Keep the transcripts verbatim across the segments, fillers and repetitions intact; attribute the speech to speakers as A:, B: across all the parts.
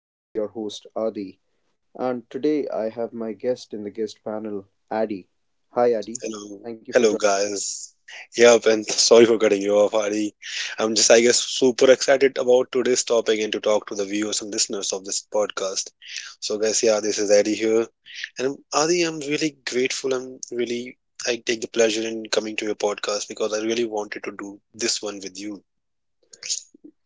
A: This is your host, Adi. And today I have my guest in the guest panel, Adi. Hi, Adi.
B: Hello,
A: Thank you for joining.
B: hello guys. Yep, and sorry for cutting you off, Hari. I'm just, I guess, super excited about today's topic and to talk to the viewers and listeners of this podcast. So, guys, yeah, this is Adi here, and Adi, I'm really grateful. I'm really, I take the pleasure in coming to your podcast because I really wanted to do this one with you.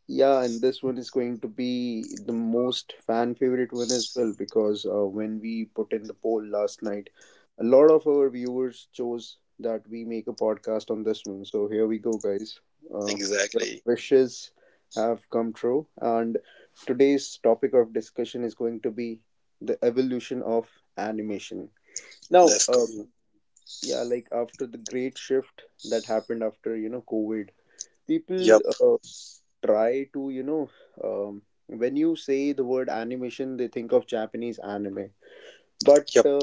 A: Yeah, and this one is going to be the most fan favorite one as well because uh, when we put in the poll last night, a lot of our viewers chose that we make a podcast on this one. So here we go, guys. Uh, your
B: Exactly.
A: wishes have come true, and today's topic of discussion is going to be the evolution of animation. Now,
B: Let's
A: uh,
B: go.
A: yeah, like after the great shift that happened after you know COVID, people
B: Yep.
A: uh, try to you know um, when you say the word animation, they think of japanese anime, but
B: Yep.
A: uh,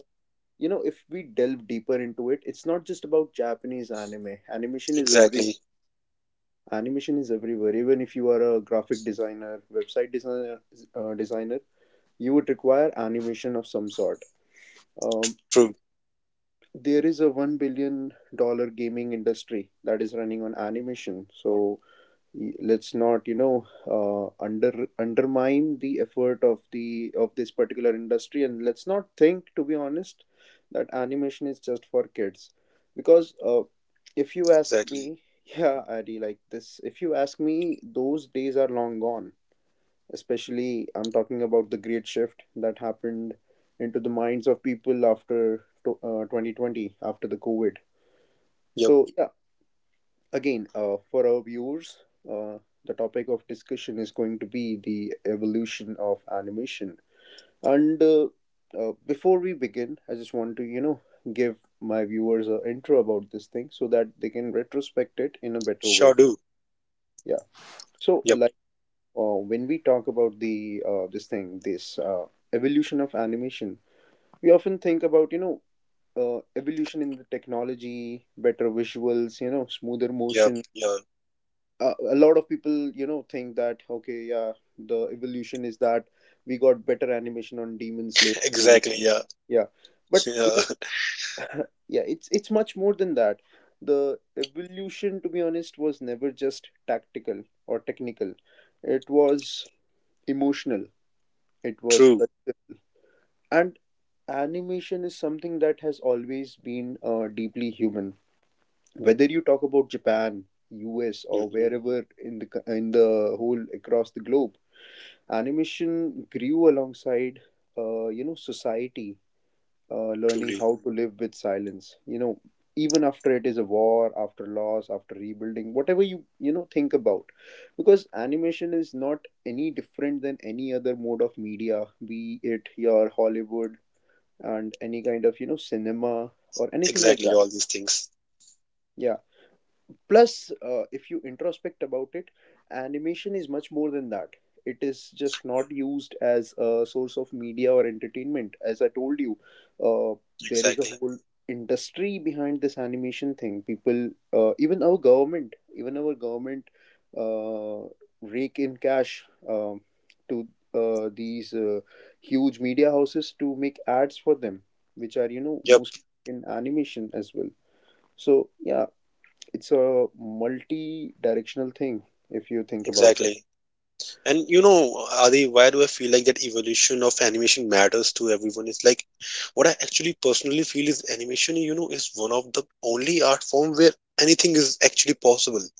A: you know, if we delve deeper into it, it's not just about japanese anime. Animation is every
B: Exactly.
A: animation is everywhere. Even if you are a graphic designer, website designer, uh, designer, you would require animation of some sort. um,
B: True.
A: there is a one billion dollar gaming industry that is running on animation. So y- let's not you know uh, under undermine the effort of the of this particular industry, and let's not think, to be honest, that animation is just for kids. Because uh, if you
B: Exactly.
A: ask me, yeah, Adi, like this, if you ask me, those days are long gone. Especially I'm talking about the great shift that happened into the minds of people after to, uh, twenty twenty, after the covid.
B: Yep.
A: So yeah. Again, uh, for our viewers, uh, the topic of discussion is going to be the evolution of animation. And uh, uh, before we begin, I just want to, you know, give my viewers an intro about this thing so that they can
B: Sure
A: retrospect it
B: do.
A: in a better way. Yeah.
B: Yep.
A: So, like, uh, when we talk about the uh, this thing, this uh, evolution of animation, we often think about, you know, uh, evolution in the technology, better visuals, you know, smoother
B: Yep.
A: motion,
B: Yeah.
A: uh, a lot of people you know think that okay, yeah, the evolution is that we got better animation on demon slayer movie,
B: Exactly. Yeah.
A: yeah, but you
B: Yeah.
A: know, yeah, it's it's much more than that. The evolution, to be honest, was never just tactical or technical. It was emotional. It was
B: True.
A: cultural. And animation is something that has always been uh, deeply human, whether you talk about japan, us, or
B: Mm-hmm.
A: wherever in the co- in the whole across the globe. Animation grew alongside uh, you know society uh, learning
B: Truly.
A: how to live with silence, you know, even after it is a war, after loss, after rebuilding, whatever you you know think about. Because animation is not any different than any other mode of media, be it your hollywood and any kind of you know cinema or anything like that.
B: Exactly. All these things.
A: Yeah. Plus, uh, if you introspect about it, animation is much more than that. It is just not used as a source of media or entertainment. As I told you, uh, there is a
B: Exactly.
A: whole industry behind this animation thing. People, uh, even our government, even our government uh, rake in cash um, to uh, these uh, huge media houses to make ads for them, which are, you know,
B: Yep.
A: mostly in animation as well. So, yeah, it's a multi-directional thing if you think about it.
B: Exactly. And you know, Adi, why do I feel like that evolution of animation matters to everyone? It's like what I actually personally feel is animation, you know, is one of the only art form where anything is actually possible.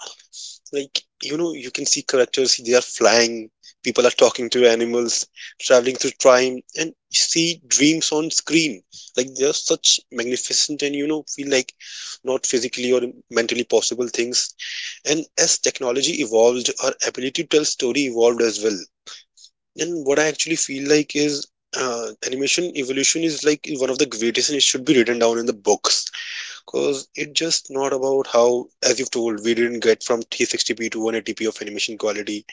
B: Like, you know, you can see characters, they are flying, people are talking to animals, traveling through time and see dreams on screen. Like, they are such magnificent and, you know, feel like not physically or mentally possible things. And as technology evolved, our ability to tell story evolved as well. And what I actually feel like is uh, animation evolution is like one of the greatest, and it should be written down in the books, because it's just not about how, as you've told, we didn't get from three sixty p to one eighty p of animation quality.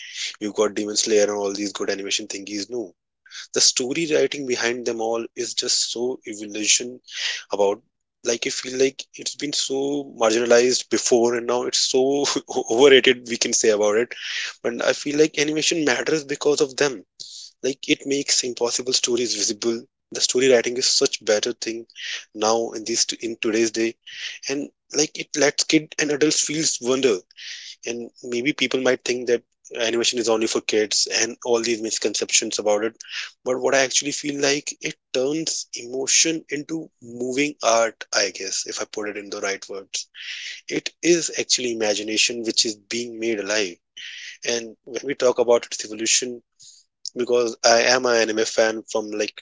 B: We've got Demon Slayer and all these good animation thingies. No, the story writing behind them all is just so evolution about. Like, I feel like it's been so marginalized before, and now it's so overrated, we can say about it. But I feel like animation matters because of them. Like, it makes impossible stories visible. The story writing is such better thing now, in this in today's day. And like, it lets kid and adults feels wonder. And maybe people might think that animation is only for kids and all these misconceptions about it. But what I actually feel like, it turns emotion into moving art, I guess, if I put it in the right words. It is actually imagination which is being made alive. And when we talk about its evolution, because I am an anime fan from like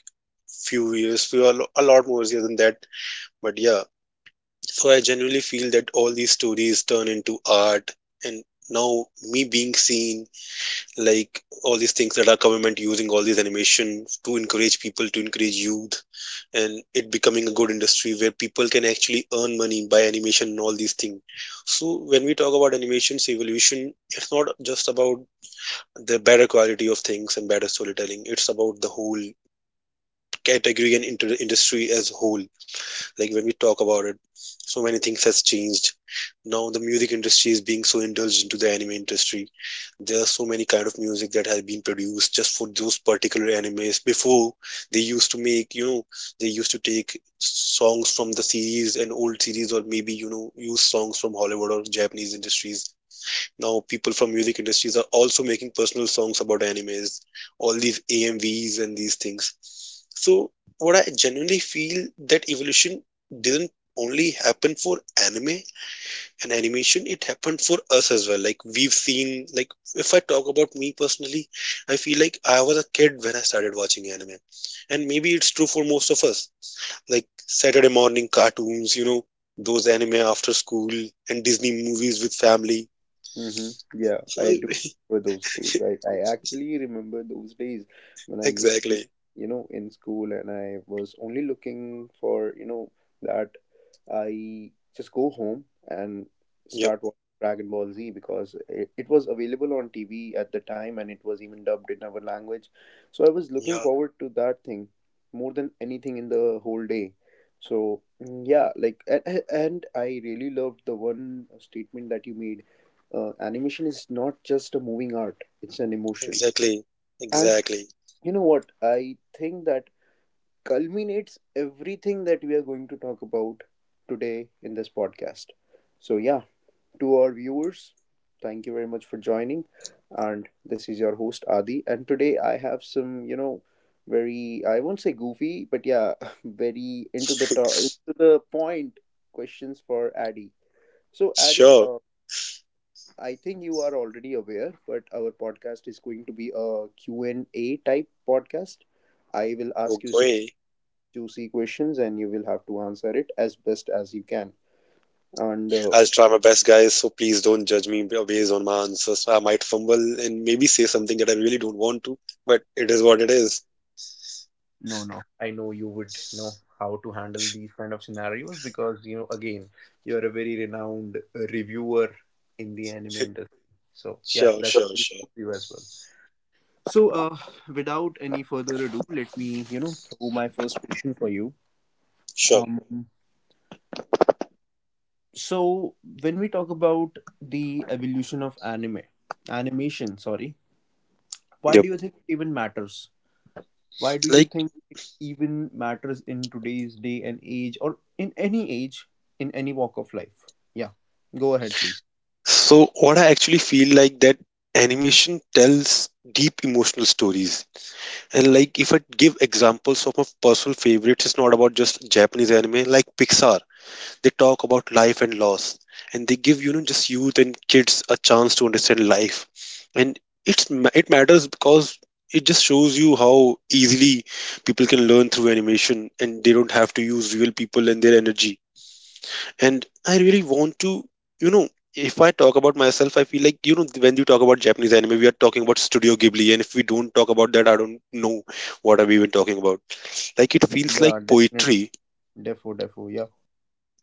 B: few years, few a lot more years than that. But yeah, so I genuinely feel that all these stories turn into art, and now me being seen, like all these things that our government using all these animation to encourage people, to encourage youth, and it becoming a good industry where people can actually earn money by animation and all these things. So when we talk about animation's evolution, it's not just about the better quality of things and better storytelling, it's about the whole category and into the industry as a whole. Like, when we talk about it, so many things has changed. Now the music industry is being so indulged into the anime industry. There are so many kind of music that has been produced just for those particular animes. Before, they used to make, you know, they used to take songs from the series and old series, or maybe, you know, use songs from Hollywood or Japanese industries. Now people from music industries are also making personal songs about animes, all these AMVs and these things. So what I genuinely feel, that evolution didn't only happen for anime and animation, it happened for us as well. Like, we've seen, like, if I talk about me personally, I feel like I was a kid when I started watching anime. And maybe it's true for most of us, like Saturday morning cartoons, you know, those anime after school and Disney movies with family.
A: Mm-hmm. Yeah,
B: So
A: I
B: I
A: do remember those days. I, I actually remember those days when I used to be,
B: exactly.
A: you know, in school, and I was only looking for, you know, that I just go home and
B: Yep.
A: start watching Dragon Ball Z, because it, it was available on T V at the time and it was even dubbed in our language. So I was
B: Yeah.
A: looking forward to that thing more than anything in the whole day. So mm, yeah, like and, and I really loved the one statement that you made. Uh, animation is not just a moving art, it's an emotion.
B: Exactly.
A: And
B: Exactly.
A: you know what? I think that culminates everything that we are going to talk about today in this podcast. So yeah, to our viewers, thank you very much for joining. And this is your host Adi, and today I have some, you know, very, I won't say goofy, but yeah, very into the to- into the point questions for Adi. So
B: Sure.
A: Adi, uh, I think you are already aware, but our podcast is going to be a Q and a type podcast. I will ask you some
B: Okay.
A: juicy questions and you will have to answer it as best as you can. And
B: I'll
A: uh,
B: try my best, guys. So please don't judge me b- based on my answers. I might fumble and maybe say something that I really don't want to, but it is what it is.
A: no, no, I know you would know how to handle these kind of scenarios because, you know, again, you're a very renowned uh, reviewer in the anime industry. So, yeah,
B: Sure,
A: that's
B: sure, sure,
A: you as well. So uh, without any further ado, let me, you know, throw my first question for you.
B: sure.
A: Um So when we talk about the evolution of anime, animation, sorry, why
B: Yep.
A: do you think it even matters? Why do you
B: Like,
A: think it even matters in today's day and age, or in any age, in any walk of life? Yeah. Go ahead, please.
B: so what I actually feel like, that animation tells deep emotional stories. And like, if I give examples of my personal favorites, it's not about just Japanese anime, like Pixar. They talk about life and loss, and they give, you know, just youth and kids a chance to understand life, and it's ma- it matters because it just shows you how easily people can learn through animation, and they don't have to use real people and their energy. And I really want to, you know, if I talk about myself, I feel like, you know, when you talk about Japanese anime, we are talking about Studio Ghibli, and if we don't talk about that, I don't know what are we even talking about. Like, it feels like
A: Yeah, definitely.
B: poetry.
A: Defo, defo, yeah.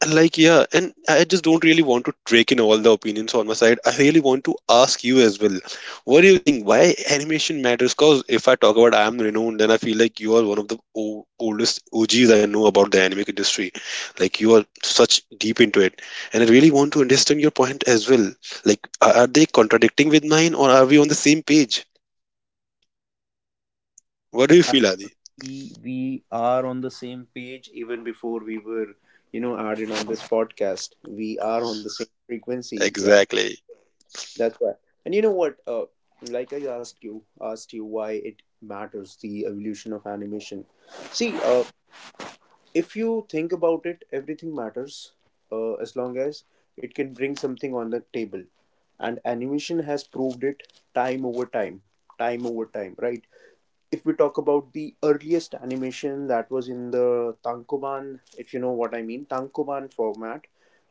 B: And like, yeah, and I just don't really want to take in all the opinions on my side. I really want to ask you as well. What do you think? Why animation matters? Because if I talk about I am renowned, then I feel like you are one of the o- oldest O Gs I know about the anime industry. Like, you are such deep into it. And I really want to understand your point as well. Like, are are they contradicting with mine, or are we on the same page? What do you
A: Uh,
B: feel, Adi?
A: We are on the same page even before we were, you know, added on this podcast. We are on the same frequency. Yeah.
B: Exactly.
A: That's right. And you know what? Uh, like I asked you, asked you why it matters, the evolution of animation. See, uh, if you think about it, everything matters uh, as long as it can bring something on the table, and animation has proved it time over time, time over time, right? If we talk about the earliest animation that was in the Tankoban, if you know what I mean, Tankoban format,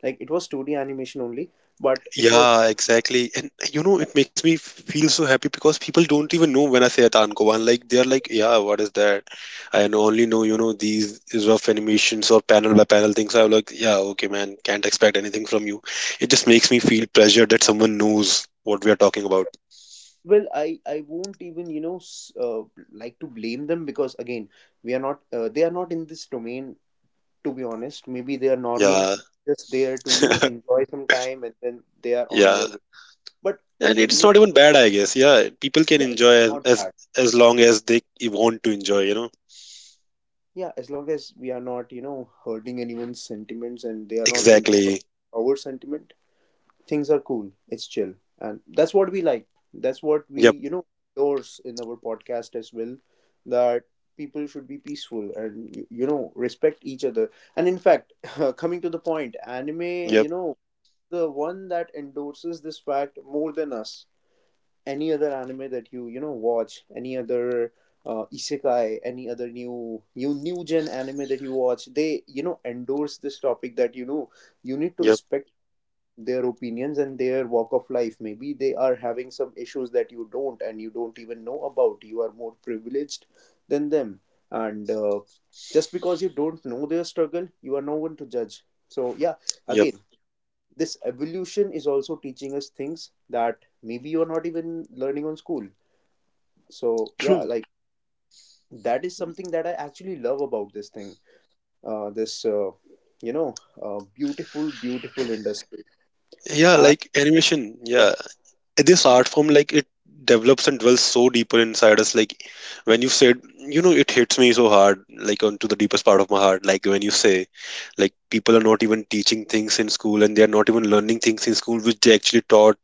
A: like it was two D animation only, but it was.
B: Yeah, exactly. And you know, it makes me feel so happy because people don't even know when I say Tankoban. Like, they're like, yeah, what is that? I know- only know, you know, these rough animations or panel by panel things. I'm like, yeah, okay, man, can't expect anything from you. It just makes me feel pleasure that someone knows what we are talking about.
A: Well, I I won't even you know s- uh, like to blame them, because again, we are not uh, they are not in this domain, to be honest. Maybe they are normies,
B: Yeah.
A: they're just there to you know enjoy some time and then they are on
B: Yeah.
A: their way. But
B: And
A: when
B: it's
A: we
B: not even bad, I guess. Yeah. People can
A: yeah, it's
B: enjoy as
A: not
B: as,
A: bad.
B: as long as they want to enjoy, you know.
A: Yeah, as long as we are not you know hurting anyone's sentiments and they are not hurt- hurting
B: Exactly.
A: our sentiment, things are cool, it's chill. And that's what we like, that's what we
B: Yep.
A: you know endorse in our podcast as well. That people should be peaceful and you, you know, respect each other. And in fact, coming to the point, anime, you
B: Yep.
A: know, the one that endorses this fact more than us, any other anime that you you know watch, any other uh, isekai, any other new new new gen anime that you watch, they you know endorse this topic that you know you need to
B: Yep.
A: respect their opinions and their walk of life. Maybe they are having some issues that you don't, and you don't even know about. You are more privileged than them, and uh, just because you don't know their struggle, you are no one to judge. So yeah,
B: Yep.
A: again, this evolution is also teaching us things that maybe you're not even learning on school. So yeah,
B: True.
A: like that is something that I actually love about this thing, uh, this uh, you know, uh, beautiful beautiful industry.
B: Yeah,
A: And
B: like animation.
A: yeah,
B: Yeah, this art
A: yeah
B: form, like it develops and dwells so deeper inside us. Like, when you said, you know, it hits me so hard, like onto the deepest part of my heart. Like, when you say, like, people are not even teaching things in school, and they are not even learning things in school which they actually taught,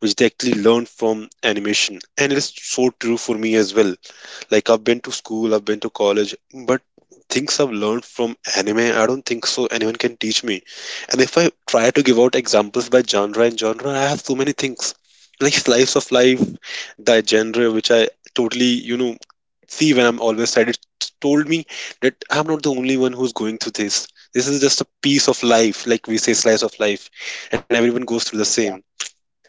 B: which they actually learned from animation. And it is so true for me as well. Like, I've been to school, I've been to college, but things I've learned from anime, I don't think so anyone can teach me. And if I try to give out examples by genre and genre, I have so many things. Like slice of life, the genre which I totally, you know, see when I'm always sad, it told me that I'm not the only one who's going through this. This is just a piece of life, like we say, slice of life, and everyone goes through the same.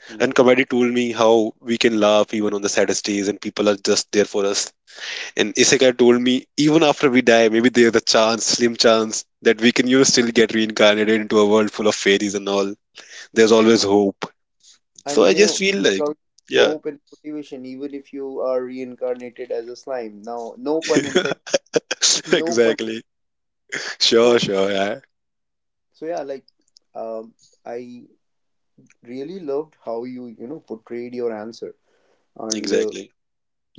B: And
A: yeah
B: comedy told me how we can laugh even on the saddest days, and people are just there for us. And Isekai told me, even after we die, maybe there's a chance, slim chance, that we can, you know, still get reincarnated into a world full of fairies and all. There's always hope. So
A: And
B: I
A: you
B: just
A: know,
B: feel like,
A: strong
B: yeah,
A: hope and motivation even if you are reincarnated as a slime now, no pun intended, no pun.
B: exactly. Sure,
A: so
B: sure, yeah,
A: so yeah, like, um I really loved how you you know portrayed your answer. And uh,
B: exactly.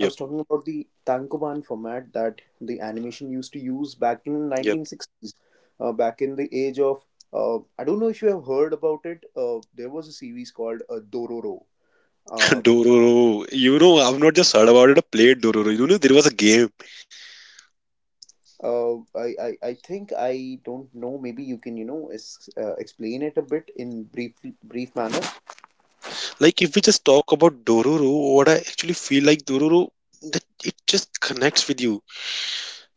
A: I was talking about the tankoban format that the animation used to use back in
B: yep.
A: nineteen sixties. Uh, back in the age of, uh, I don't know if you have heard about it, uh, there was a series called uh, dororo. Uh,
B: Dororo. You know, I've not just heard about it. I played Dororo. You know, there was a game.
A: Uh, I, I, I think I don't know. Maybe you can, you know, ex- uh, explain it a bit in brief brief manner.
B: Like, if we just talk about Dororo, what I actually feel like Dororo, that it just connects with you,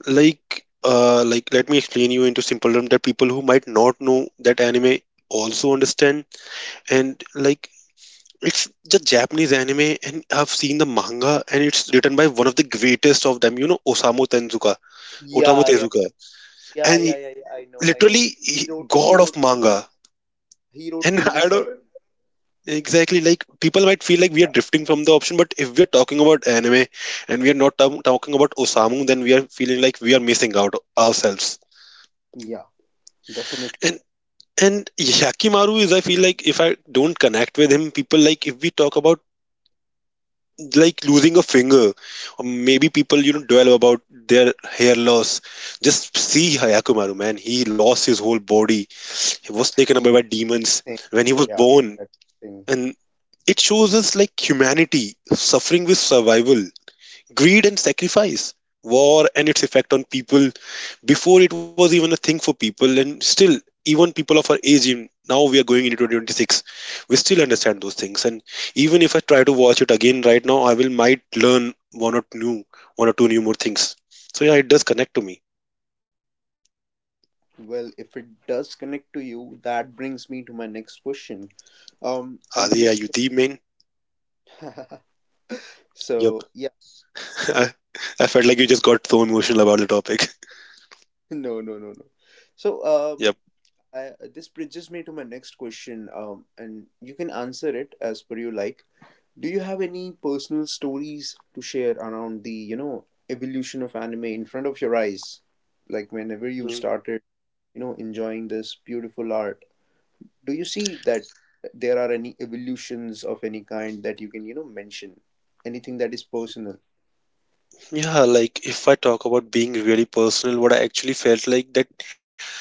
B: like uh like, let me explain you into simple terms, that people who might not know that anime also understand. And like, it's the Japanese anime, and I've seen the manga, and it's written by one of the greatest of them, you know, Osamu Tezuka. osamu
A: Yeah, yeah,
B: tezuka
A: yeah,
B: and
A: yeah,
B: he-
A: yeah, yeah. I know, I know.
B: literally, he,
A: He wrote, he
B: god of
A: wrote,
B: manga.
A: Phoenix- he wrote
B: And I
A: Phoenix. I
B: don't
A: think.
B: exactly, like, people might feel like we are drifting from the option, but if we are talking about anime and we are not tam- talking about Osamu, then we are feeling like we are missing out ourselves.
A: Yeah, definitely.
B: And And Yakimaru is, I feel like, if I don't connect with him, people, like, if we talk about like losing a finger, or maybe people, you know, dwell about their hair loss. Just see Yakimaru, man. He lost his whole body. He was taken
A: He
B: away by demons
A: thing.
B: when he was
A: Yeah,
B: born.
A: that thing.
B: And it shows us like humanity suffering with survival, greed and sacrifice, war and its effect on people before it was even a thing for people. And still, even people of our age, in- now we are going into twenty twenty-six, we still understand those things. And even if I try to watch it again right now, I will might learn one or two, one or two new more things. So yeah, it does connect to me.
A: Well, if it does connect to you, that brings me to my next question.
B: Adi, are
A: Um,
B: you the
A: and the
B: main?
A: next.
B: Yep.
A: So yeah,
B: I, I felt like you just got so emotional about the topic.
A: no, no, no, no. So
B: Yep.
A: um. I, uh, this bridges me to my next question, um, and you can answer it as per you like. Do you have any personal stories to share around the, you know, evolution of anime in front of your eyes? Like whenever you
B: Mm.
A: started, you know, enjoying this beautiful art, do you see that there are any evolutions of any kind that you can, you know, mention? Anything that is personal?
B: Yeah, like if I talk about being really personal, what I actually felt like that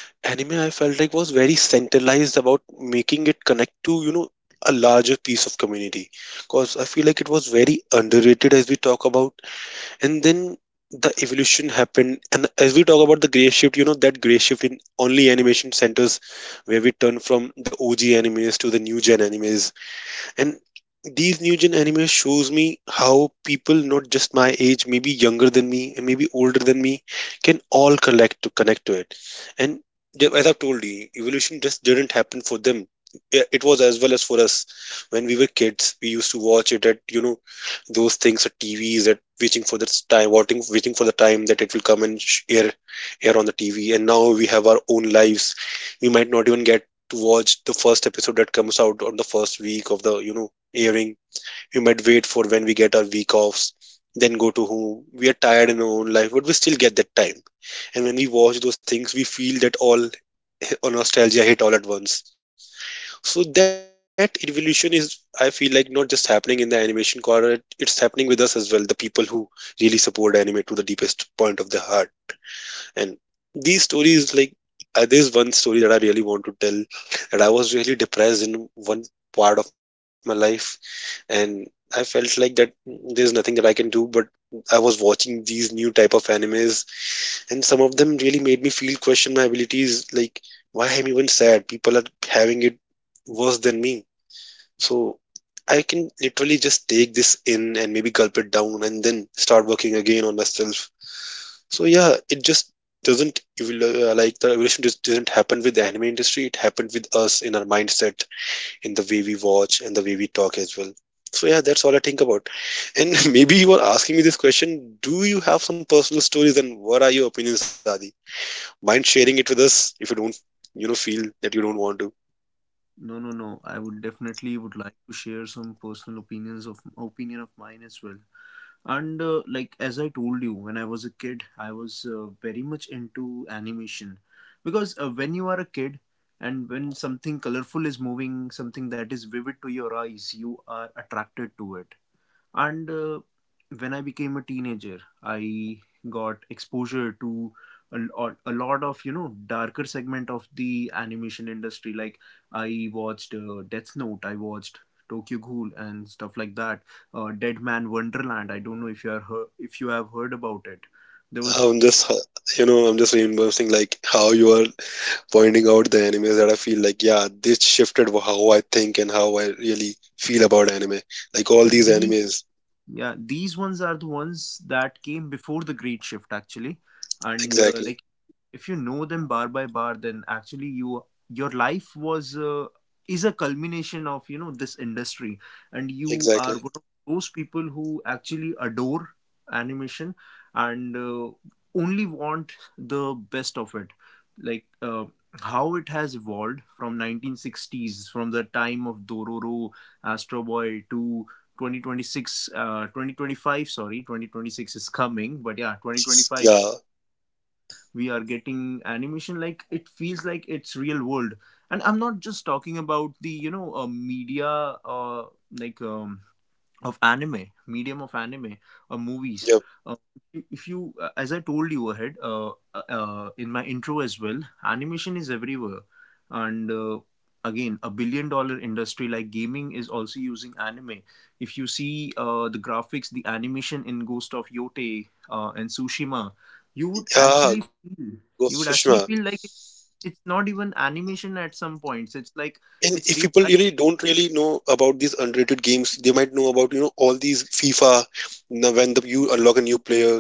B: anime, I felt like, was very centralized about making it connect to, you know, a larger piece of community, because I feel like it was very underrated, as we talk about. And then the evolution happened, and as we talk about the gray shift, you know, that gray shift in only animation centers, where we turn from the OG animes to the new gen animes. And these new gen anime shows me how people, not just my age, maybe younger than me and maybe older than me, can all collect to connect to it. And ju- as I've told you, evolution just didn't happen for them. I- it was as well as for us. When we were kids, we used to watch it at, you know, those things at TVs, at waiting for the time, waiting, waiting for the time that it will come and sh- air air on the TV. And now we have our own lives. We might not even get to watch the first episode that comes out on the first week of the, you know, airing. We might wait for when we get our week offs, then go to home. We are tired in our own life, but we still get that time. And when we watch those things, we feel that all all nostalgia hit all at once. So that evolution is, I feel like, not just happening in the animation corner. It- it's happening with us as well, the people who really support anime to the deepest point of their heart. And these stories, like, uh, there's one story that I really want to tell, that I was really depressed in one part of my life. And I felt like that there's nothing that I can do, but I was watching these new type of animes, and some of them really made me feel question my abilities, like, why I'm even sad? People are having it worse than me. So I can literally just take this in and maybe gulp it down and then start working again on myself. So yeah, it just doesn't evol- uh, like, the evolution just didn't happen with the anime industry. It happened with us in our mindset, in the way we watch and the way we talk as well. So yeah, that's all I think about. And maybe you are asking me this question: do you have some personal stories, and what are your opinions, Adi? Mind sharing it with us if you don't, you know, feel that you don't want to.
A: No, no, no. I would definitely would like to share some personal opinions of opinion of mine as well. And uh, Like as I told you, when I was a kid, I was uh, very much into animation because uh, when you are a kid and when something colorful is moving, something that is vivid to your eyes, you are attracted to it and uh, when I became a teenager, I got exposure to a lot, a lot of you know darker segment of the animation industry. Like I watched uh, Death Note, I watched Tokyo Ghoul and stuff like that. Uh, Dead Man Wonderland. I don't know if you are heard, if you have heard about it. There was
B: I'm just, uh, you know, I'm just remembering like how you are pointing out the anime that I feel like, yeah, this shifted how I think and how I really feel about anime. Like all
A: like
B: these
A: the
B: animes.
A: yeah, these ones are the ones that came before the Great Shift actually, and uh, like
B: Exactly.
A: if you know them bar by bar, then actually you your life was uh, is a culmination of you know this industry, and you are one
B: Exactly.
A: of those people who actually adore animation and uh, only want the best of it. like uh, how it has evolved from nineteen sixties, from the time of Dororo, Astro Boy, to twenty twenty-six uh, twenty twenty-five sorry twenty twenty-six is coming, but yeah, twenty twenty-five
B: Yeah.
A: we are getting animation like it feels like it's real world. And I'm not just talking about the you know uh, media, uh, like um, of anime, medium of anime or movies.
B: Yep.
A: Uh, if you, uh, as I told you ahead uh, uh, uh, in my intro as well, animation is everywhere, and uh, again, a billion dollar industry, like gaming is also using anime. If you see uh, the graphics, the animation in Ghost of Yote uh, and Tsushima, you would
B: Yeah.
A: actually
B: Ghost of
A: feel
B: Tsushima.
A: you would actually feel like it, it's not even animation at some points. It's like
B: And if
A: it's
B: people
A: real.
B: really don't really know about these underrated games, they might know about, you know, all these FIFA, you, when the, you unlock a new player.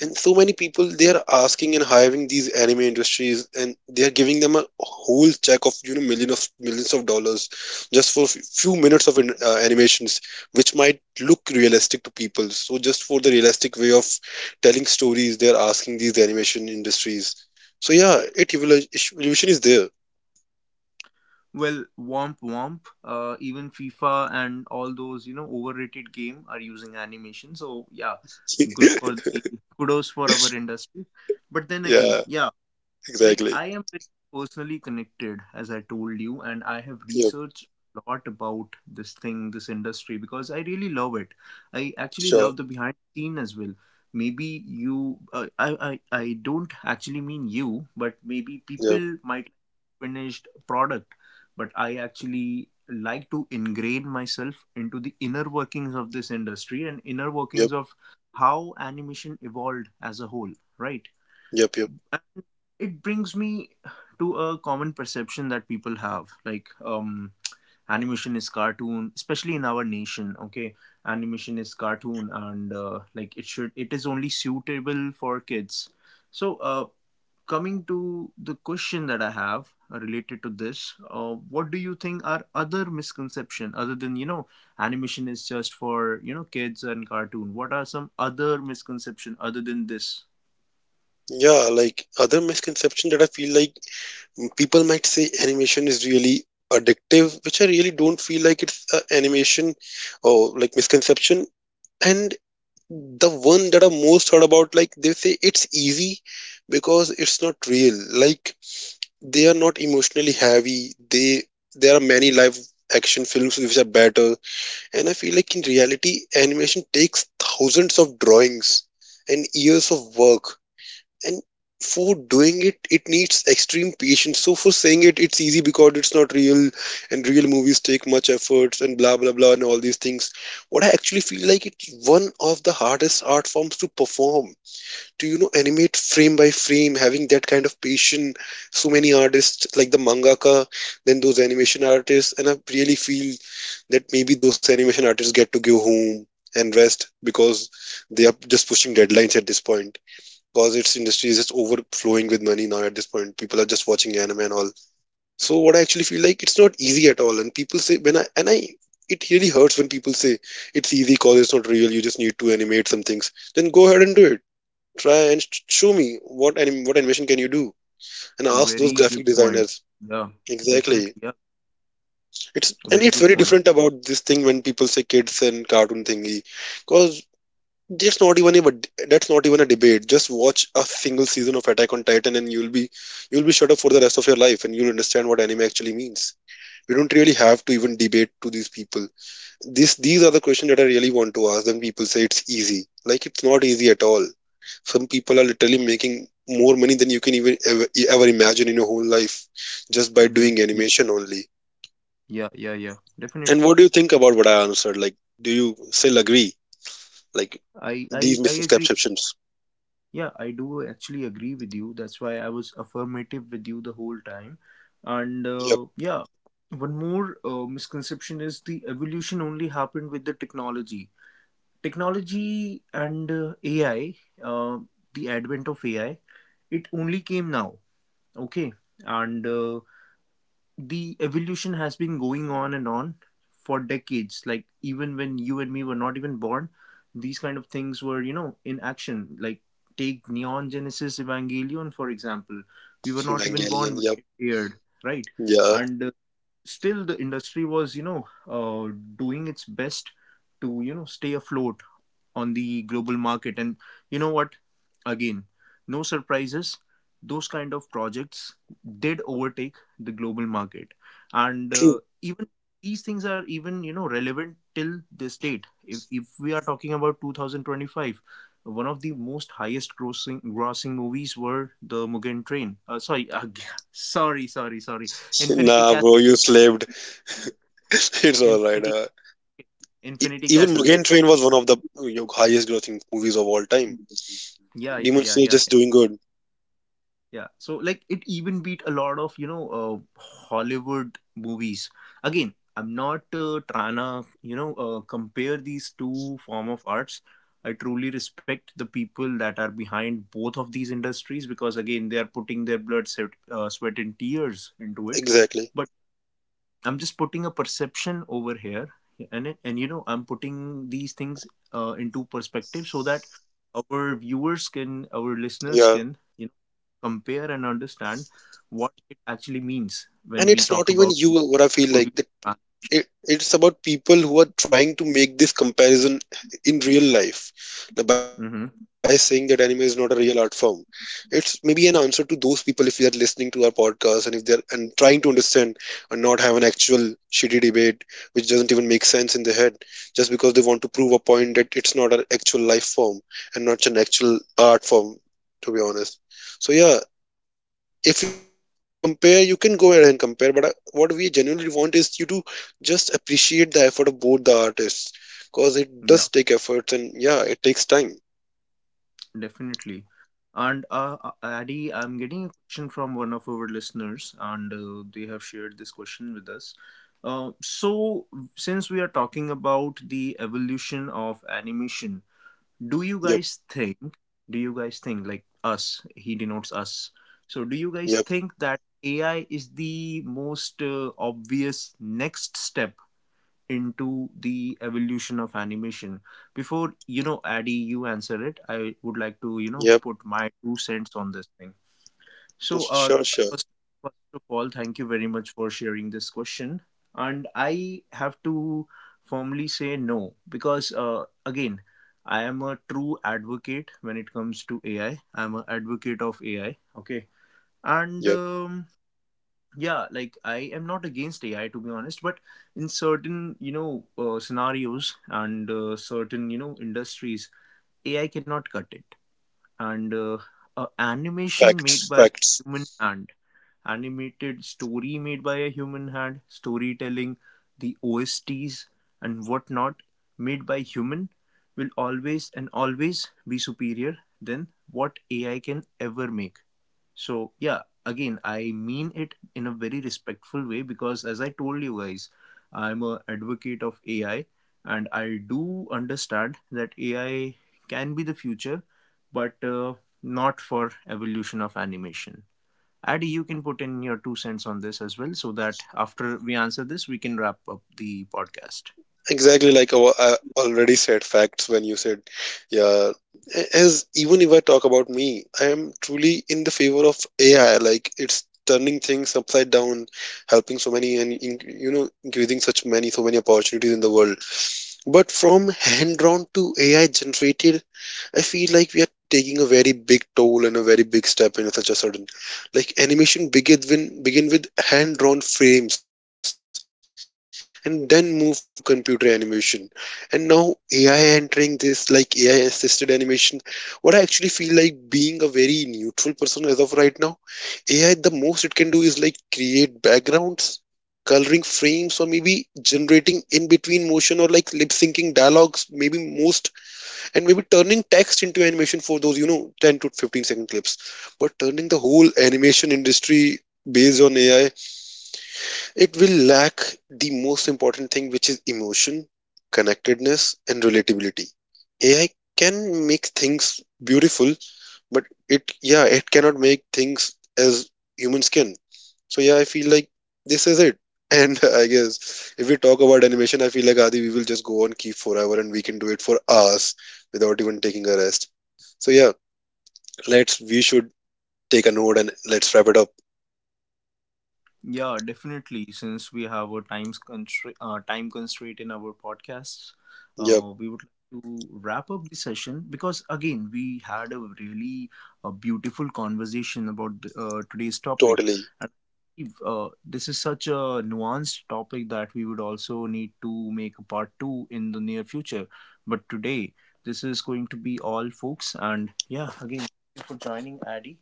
B: And so many people, they are asking and hiring these anime industries, and they are giving them a whole check of, you know, millions of millions of dollars just for f- few minutes of in, uh, animations, which might look realistic to people. So just for the realistic way of telling stories, they are asking these animation industries. So yeah, it evolu- evolution is there.
A: Well, Womp Womp, uh, even FIFA and all those, you know, overrated game are using animation. So yeah, good for the kudos for our industry. But then again,
B: Yeah.
A: yeah, like
B: Exactly.
A: I am very personally connected, as I told you, and I have
B: Yep.
A: researched a lot about this thing, this industry, because I really love it. I actually love
B: Sure.
A: the behind the scene as well. Maybe you, uh, I, I i don't actually mean you, but maybe
B: Yep.
A: people might like finished product, but I actually like to ingrain myself into the inner workings of this industry and inner workings
B: Yep.
A: of how animation evolved as a whole, right?
B: Yep. Yep.
A: It brings me to a common perception that people have, like um animation is cartoon, especially in our nation. Okay, animation is cartoon, and uh, like it should, it is only suitable for kids. So uh coming to the question that I have uh, related to this, uh, what do you think are other misconception other than, you know, animation is just for, you know, kids and cartoon? What are some other misconception other than this?
B: Yeah. Like, other misconception that I feel like, m- people might say animation is really addictive, which I really don't feel like it's a animation or like misconception. And the one that I most heard about, like, they say it's easy because it's not real. Like, they are not emotionally heavy. They, there are many live action films which are better. And I feel like in reality, animation takes thousands of drawings and years of work. And for doing it, it needs extreme patience. So for saying it, it's easy because it's not real, and real movies take much efforts and blah blah blah and all these things. What I actually feel like, it's one of the hardest art forms to perform, to, you know, animate frame by frame, having that kind of patience. So many artists, like the mangaka, then those animation artists, and I really feel that maybe those animation artists get to go home and rest, because they are just pushing deadlines at this point, because its industry is just overflowing with money now. At this point, people are just watching anime and all. So what I actually feel like, it's not easy at all. And people say, when i and i it really hurts when people say it's easy 'cause it's not real, you just need to animate some things then go ahead and do it. Try and sh- show me what anim- what animation can you do, and ask those
A: Very
B: graphic
A: good point.
B: designers.
A: Yeah,
B: Exactly.
A: definitely. Yeah,
B: It's, and
A: very
B: it's
A: good
B: very
A: point.
B: different about this thing when people say kids and cartoon thingy, because that's not even a but that's not even a debate. Just watch a single season of Attack on Titan, and you'll be you'll be shut up for the rest of your life, and you'll understand what anime actually means. We don't really have to even debate to these people. This these are the questions that I really want to ask. Then people say it's easy. Like, it's not easy at all. Some people are literally making more money than you can even ever, e, ever imagine in your whole life, just by
A: Mm-hmm.
B: doing
A: Yeah,
B: animation only.
A: yeah, yeah, yeah. Definitely.
B: And what do you think about what I answered, like, do you still agree, like,
A: I, I,
B: these
A: I agree.
B: misconceptions?
A: Yeah, I do actually agree with you. That's why I was affirmative with you the whole time. And
B: Yep.
A: uh, yeah, one more uh, misconception is the evolution only happened with the technology. Technology and uh, A I, uh, the advent of A I, it only came now. Okay, and uh, the evolution has been going on and on for decades, like even when you and me were not even born, these kind of things were, you know, in action. Like take Neon Genesis Evangelion for example. We were not even
B: Evangelion,
A: born when
B: yep.
A: it aired, right?
B: Yeah.
A: And uh, still the industry was, you know uh, doing its best to, you know, stay afloat on the global market. And you know what? Again, no surprises. Those kind of projects did overtake the global market, and
B: True.
A: uh, even these things are even, you know, relevant till this date. If if we are talking about two thousand twenty-five, one of the most highest grossing grossing movies were the Mugen Train. Uh, sorry, uh, sorry, sorry, sorry. Infinity
B: Nah
A: Castle.
B: bro, you slaved. It's all right.
A: Infinity
B: uh, e-
A: Infinity
B: even
A: Castle. Like
B: Mugen Train was one of the, you know, highest grossing movies of all time.
A: yeah, yeah,
B: Demon
A: yeah,
B: Slayer
A: yeah.
B: just doing good.
A: Yeah, so like it even beat a lot of, you know uh, Hollywood movies. Again, I'm not uh, trying to, you know, uh, compare these two form of arts. I truly respect the people that are behind both of these industries, because again they are putting their blood, sweat, uh, sweat and tears into it.
B: Exactly.
A: But I'm just putting a perception over here, yeah, and it- and you know I'm putting these things uh, into perspective so that our viewers can, our listeners
B: Yeah.
A: can compare and understand what it actually means when
B: And
A: we
B: it's not
A: talk
B: even
A: about
B: you, what I feel like,
A: evolution.
B: it, it's about people who are trying to make this comparison in real life. Now, by saying that anime
A: Mhm.
B: is not a real art form, it's maybe an answer to those people if they are listening to our podcast, and if they're and trying to understand and not have an actual shitty debate, which doesn't even make sense in their head, just because they want to prove a point that it's not an actual life form and not an actual art form, to be honest. So yeah, if you compare, you can go ahead and compare, but I, what we genuinely want is you to just appreciate the effort of both the artists, because it does take efforts and
A: Yeah,
B: yeah, it takes time.
A: definitely. And uh, uh, Addy, I'm getting a question from one of our listeners, and uh, they have shared this question with us. Uh, so, since we are talking about the evolution of animation, do you
B: Yep.
A: guys think do you guys think, like us, he denotes us, so do you
B: Yep.
A: guys think that AI is the most uh, obvious next step into the evolution of animation? Before, you know, Addy, you answer it, I would like to, you know,
B: Yep.
A: put my two cents on this thing. so, uh,
B: Sure. Sure.
A: first, first of all, thank you very much for sharing this question. And I have to firmly say no, because, uh, again, I am a true advocate when it comes to A I. I'm an advocate of A I. Okay. And
B: Yep.
A: um, yeah, like I am not against A I to be honest, but in certain, you know, uh, scenarios and uh, certain, you know, industries, A I cannot cut it. And uh, uh, Animation
B: Facts,
A: made by
B: facts.
A: human hand, animated story made by a human hand, storytelling, the O S Ts, and whatnot made by human will always and always be superior than what A I can ever make. So, yeah, again, I mean it in a very respectful way because, as I told you guys, I'm a advocate of A I and I do understand that A I can be the future, but uh, not for evolution of animation. Addy, you can put in your two cents on this as well so that after we answer this, we can wrap up the podcast.
B: Exactly, like, our, I already said facts when you said, yeah. As, even if I talk about me, I am truly in the favor of AI. Like, it's turning things upside down, helping so many, and in, you know, increasing such many so many opportunities in the world. But from hand drawn to A I generated, I feel like we are taking a very big toll and a very big step in such a sudden. Like, animation begin with, begin with hand drawn frames and then move to computer animation. And now A I entering this, like A I assisted animation, what I actually feel like being a very neutral person as of right now, A I, the most it can do is, like, create backgrounds, coloring frames, or maybe generating in between motion or like lip syncing dialogues, maybe most, and maybe turning text into animation for those, you know, ten to fifteen second clips. But turning the whole animation industry based on A I, it will lack the most important thing, which is emotion, connectedness, and relatability. A I can make things beautiful, but it, yeah, it cannot make things as human skin. So yeah, I feel like this is it. And I guess if we talk about animation, I feel like, Adi, we will just go on keep forever, and we can do it for hours without even taking a rest. So yeah, let's we should take a note and let's wrap it up.
A: Yeah, definitely. Since we have a time constraint, uh, time constraint in our podcasts,
B: Yep.
A: uh, we would like to wrap up the session, because again we had a really uh, beautiful conversation about the, uh, today's topic,
B: Totally.
A: and I believe, uh, this is such a nuanced topic that we would also need to make a part two in the near future. But today, this is going to be all, folks. And yeah, again, thank you for joining, Addy,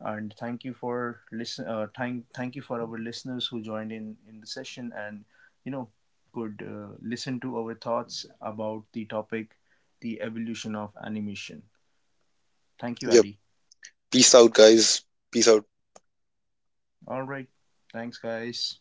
A: and thank you for listen. Uh, thank thank you for our listeners who joined in in the session and you know could uh, listen to our thoughts about the topic, the evolution of animation. Thank you,
B: Yep.
A: Addy.
B: Peace out, guys. Peace out.
A: All right, thanks, guys.